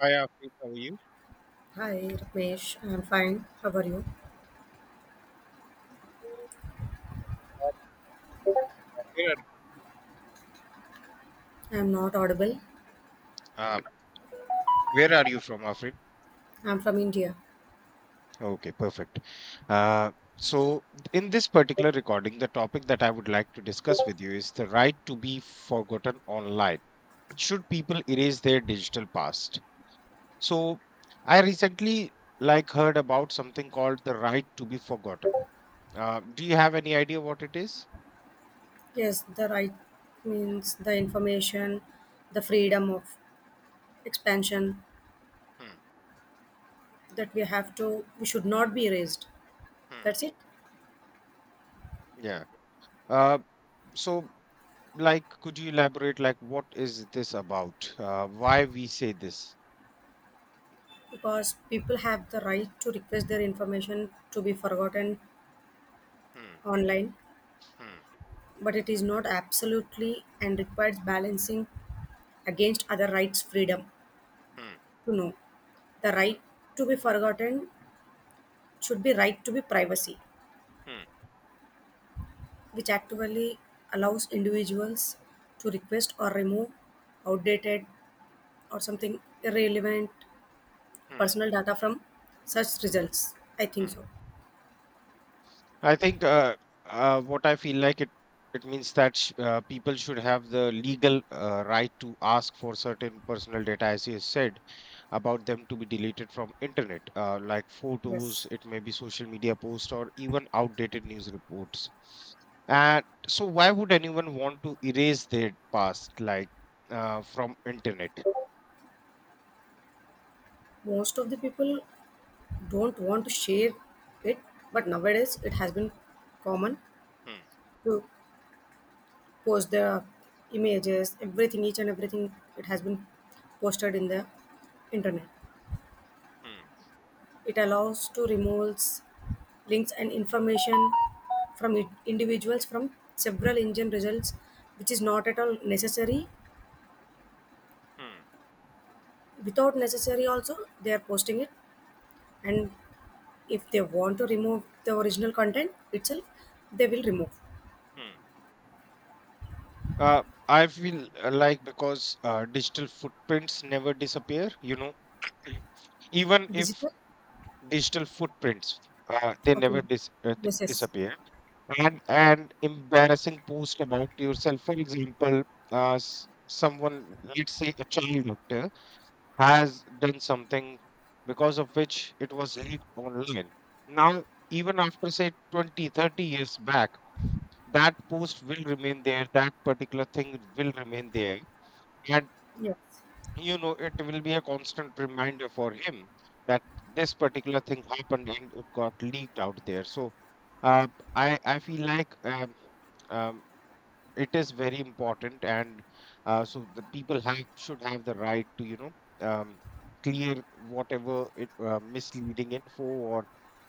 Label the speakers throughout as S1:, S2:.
S1: Hi, Afrin. How are you?
S2: Hi, Ramesh. I'm fine. How are you?
S1: Uh, where
S2: I'm not audible.
S1: are, where are you from, Afrin?
S2: I'm from India.
S1: Okay, perfect. Uh, so, in this particular recording, the topic that I would like to discuss with you is the right to be forgotten online. Should people erase their digital past? So, I recently like heard about something called the right to be forgotten. Do you have any idea what it is?
S2: Yes, the right means the information, the freedom of expansion
S1: Hmm,
S2: that we should not be erased.
S1: hmm.
S2: That's it.
S1: Yeah. Uh, so Like, could you elaborate, like, what is this about? Why we say this?
S2: Because people have the right to request their information to be forgotten
S1: Hmm,
S2: online,
S1: hmm,
S2: but it is not absolutely and requires balancing against other rights freedom
S1: hmm,
S2: to know. The right to be forgotten should be right to be privacy,
S1: hmm,
S2: which actually allows individuals to request or remove outdated or something irrelevant
S1: hmm,
S2: personal data from search results. I think
S1: hmm.
S2: so.
S1: I think what I feel like it means that people should have the legal right to ask for certain personal data, as you said, about them to be deleted from internet, like photos,
S2: Yes.
S1: it may be social media posts, or even outdated news reports. And so, why would anyone want to erase their past, from internet?
S2: Most of the people don't want to share it, but nowadays it has been common
S1: Hmm,
S2: to post their images, everything, each and everything, it has been posted in the internet.
S1: hmm,
S2: It allows to remove links and information from individuals from several engine results, which is not at all necessary.
S1: hmm,
S2: Without necessary, also they are posting it, and if they want to remove the original content itself, they will remove
S1: hmm. Uh, I feel like because digital footprints never disappear, you know, even if
S2: digital.
S1: digital footprints uh, they never
S2: Okay.
S1: dis- uh, d-
S2: Yes. Yes.
S1: disappear and embarrassing post about yourself, for example, uh, s- someone, let's say a child actor, has done something because of which it was leaked online. Now, even after say 20, 30 years back, that post will remain there, that particular thing will remain there, and
S2: Yes.
S1: you know, it will be a constant reminder for him that this particular thing happened and it got leaked out there. So, uh, I I feel like um, it is very important, and so the people have should have the right to, you know, um, clear whatever it misleading info or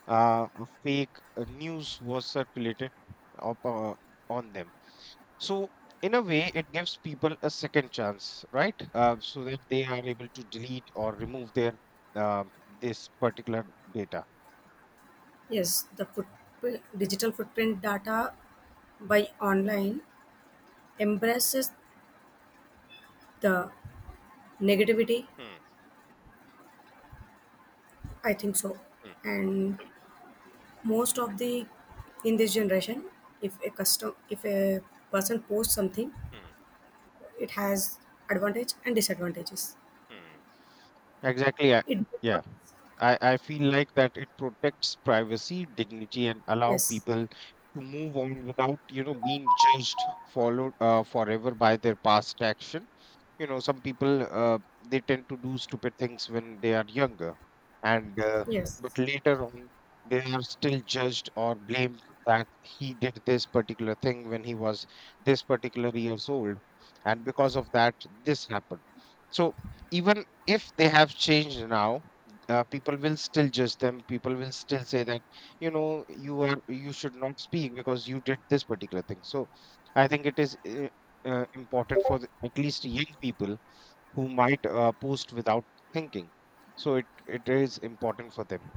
S1: a fake news was circulated up, uh, on them. So, in a way, it gives people a second chance, right? So that they are able to delete or remove their this particular data.
S2: Yes. The footprint, digital footprint data by online embraces the negativity.
S1: Hmm,
S2: I think so,
S1: hmm,
S2: and most of the in this generation if a person posts something,
S1: hmm,
S2: it has advantage and disadvantages.
S1: hmm. Exactly.
S2: It
S1: Yeah. I feel like that it protects privacy, dignity, and allow
S2: yes,
S1: people to move on without, you know, being judged, followed, forever by their past action. You know, some people, they tend to do stupid things when they are younger, and
S2: yes,
S1: but later on they are still judged or blamed that he did this particular thing when he was this particular years old, and because of that this happened. So even if they have changed now, people will still judge them, people will still say that, you know, you are, you should not speak because you did this particular thing. So I think it is important for the, at least young people who might post without thinking. So it is important for them.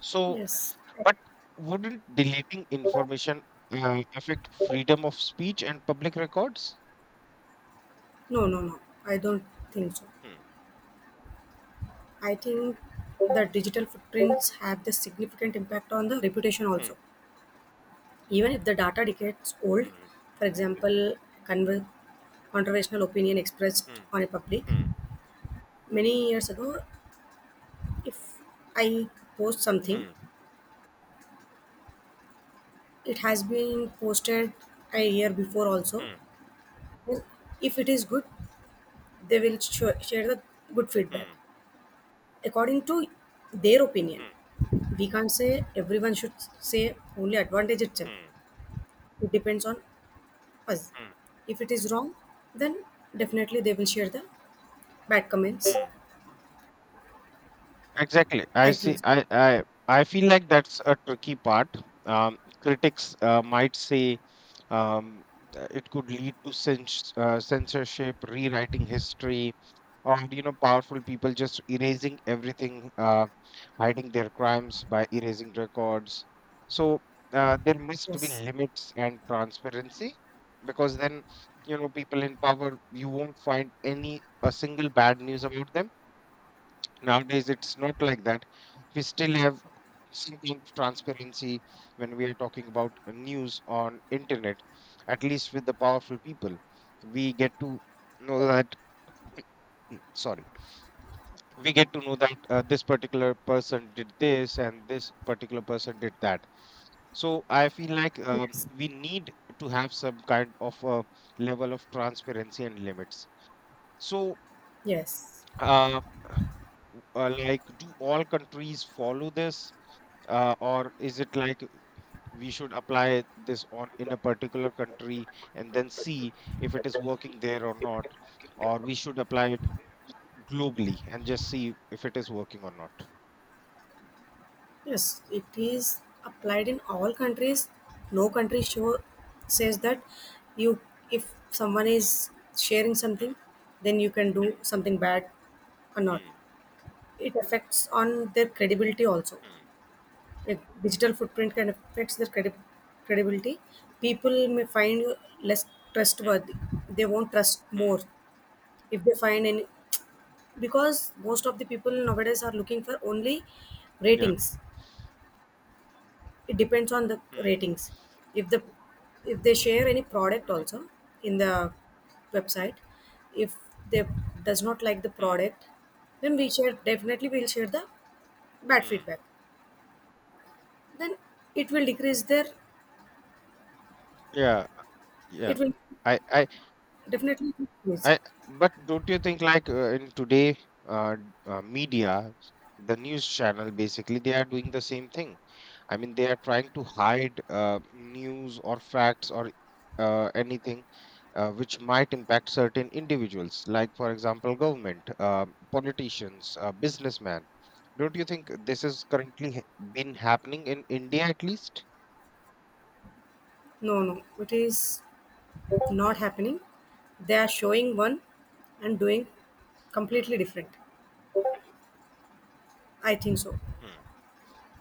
S1: So,
S2: yes,
S1: but wouldn't deleting information affect freedom of speech and public records?
S2: no, no, no, I don't think so.
S1: Hmm,
S2: I think that digital footprints have the significant impact on the reputation
S1: hmm,
S2: also, even if the data decades old.
S1: hmm,
S2: For example, conver- controversial opinion expressed
S1: hmm,
S2: on a public
S1: hmm,
S2: many years ago. If I post something,
S1: hmm,
S2: it has been posted a year before also.
S1: hmm,
S2: Then if it is good, they will share the good feedback
S1: hmm,
S2: according to their opinion.
S1: hmm,
S2: We can't say everyone should say only advantage itself.
S1: hmm,
S2: It depends on us. If it is wrong, then definitely they will share the bad
S1: hmm,
S2: comments.
S1: hmm. Exactly. I
S2: I think
S1: see.
S2: so.
S1: I feel like that's a tricky part. Critics might say um, it could lead to censorship, rewriting history, or you know, powerful people just erasing everything, hiding their crimes by erasing records. So there must be
S2: Yes,
S1: limits and transparency, because then, you know, people in power, you won't find any a single bad news about them. Nowadays, it's not like that. We still have some kind of transparency when we are talking about news on internet. At least with the powerful people, we get to know that sorry, we get to know that this particular person did this and this particular person did that. So I feel like,
S2: yes,
S1: we need to have some kind of a level of transparency and limits. So
S2: yes.
S1: uh, like, do all countries follow this, or is it like we should apply this on in a particular country and then see if it is working there or not, or we should apply it globally and just see if it is working or not?
S2: Yes, it is applied in all countries. No country show says that you, if someone is sharing something, then you can do something bad or not.
S1: Hmm,
S2: It affects on their credibility also.
S1: hmm,
S2: Like digital footprint can affects their credibility. People may find you less
S1: hmm,
S2: trustworthy. They won't trust
S1: hmm, hmm.
S2: more if they find any, because most of the people nowadays are looking for only
S1: Yeah,
S2: ratings. It depends on the
S1: hmm,
S2: ratings. If the, if they share any product also in the website, if they does not like the
S1: hmm,
S2: product, then we share definitely we'll share the bad
S1: hmm.
S2: feedback. Then it will decrease their,
S1: Yeah, yeah.
S2: it will
S1: I I
S2: definitely decrease.
S1: I But don't you think like in today uh, media, the news channel basically they are doing the same thing. I mean they are trying to hide news or facts or anything which might impact certain individuals, like for example government, politicians, businessmen. Don't you think this is currently been happening in India at least?
S2: No, no, it is not
S1: Hmm,
S2: happening. They are showing one and doing
S1: hmm,
S2: completely different. I think so.
S1: hmm.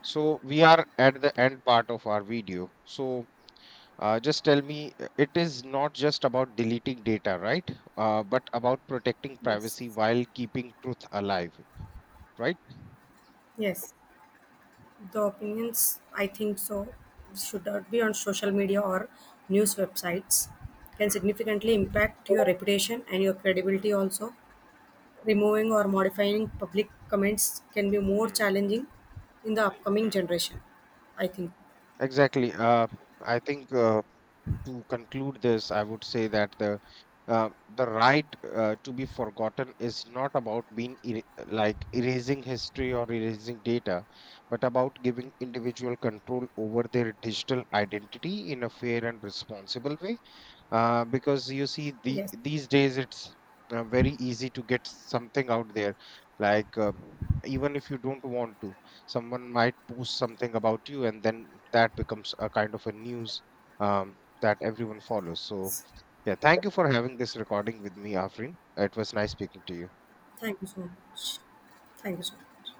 S1: So we are at the end part of our video. So just tell me, it is not just about deleting data, right? But about protecting
S2: Yes,
S1: privacy while keeping truth alive, right?
S2: yes. The opinions, I think so, should not be on social media or news
S1: Hmm,
S2: websites. Can significantly impact your reputation and your credibility
S1: hmm,
S2: also. Removing or modifying public comments can be more
S1: hmm,
S2: challenging in the upcoming
S1: hmm.
S2: generation. I think.
S1: Exactly. I think to conclude this, I would say that uh, the right to be forgotten is not about being like erasing history or erasing data, but about giving individual control over their digital identity in a fair and responsible way. Because you see
S2: Yes.
S1: these days it's very easy to get something out there, like, even if you don't want to, someone might post something about you and then that becomes a kind of a news, that everyone follows. So yeah, thank you for having this recording with me, Afrin. It was nice speaking to you.
S2: Thank you so much. Thank you so much.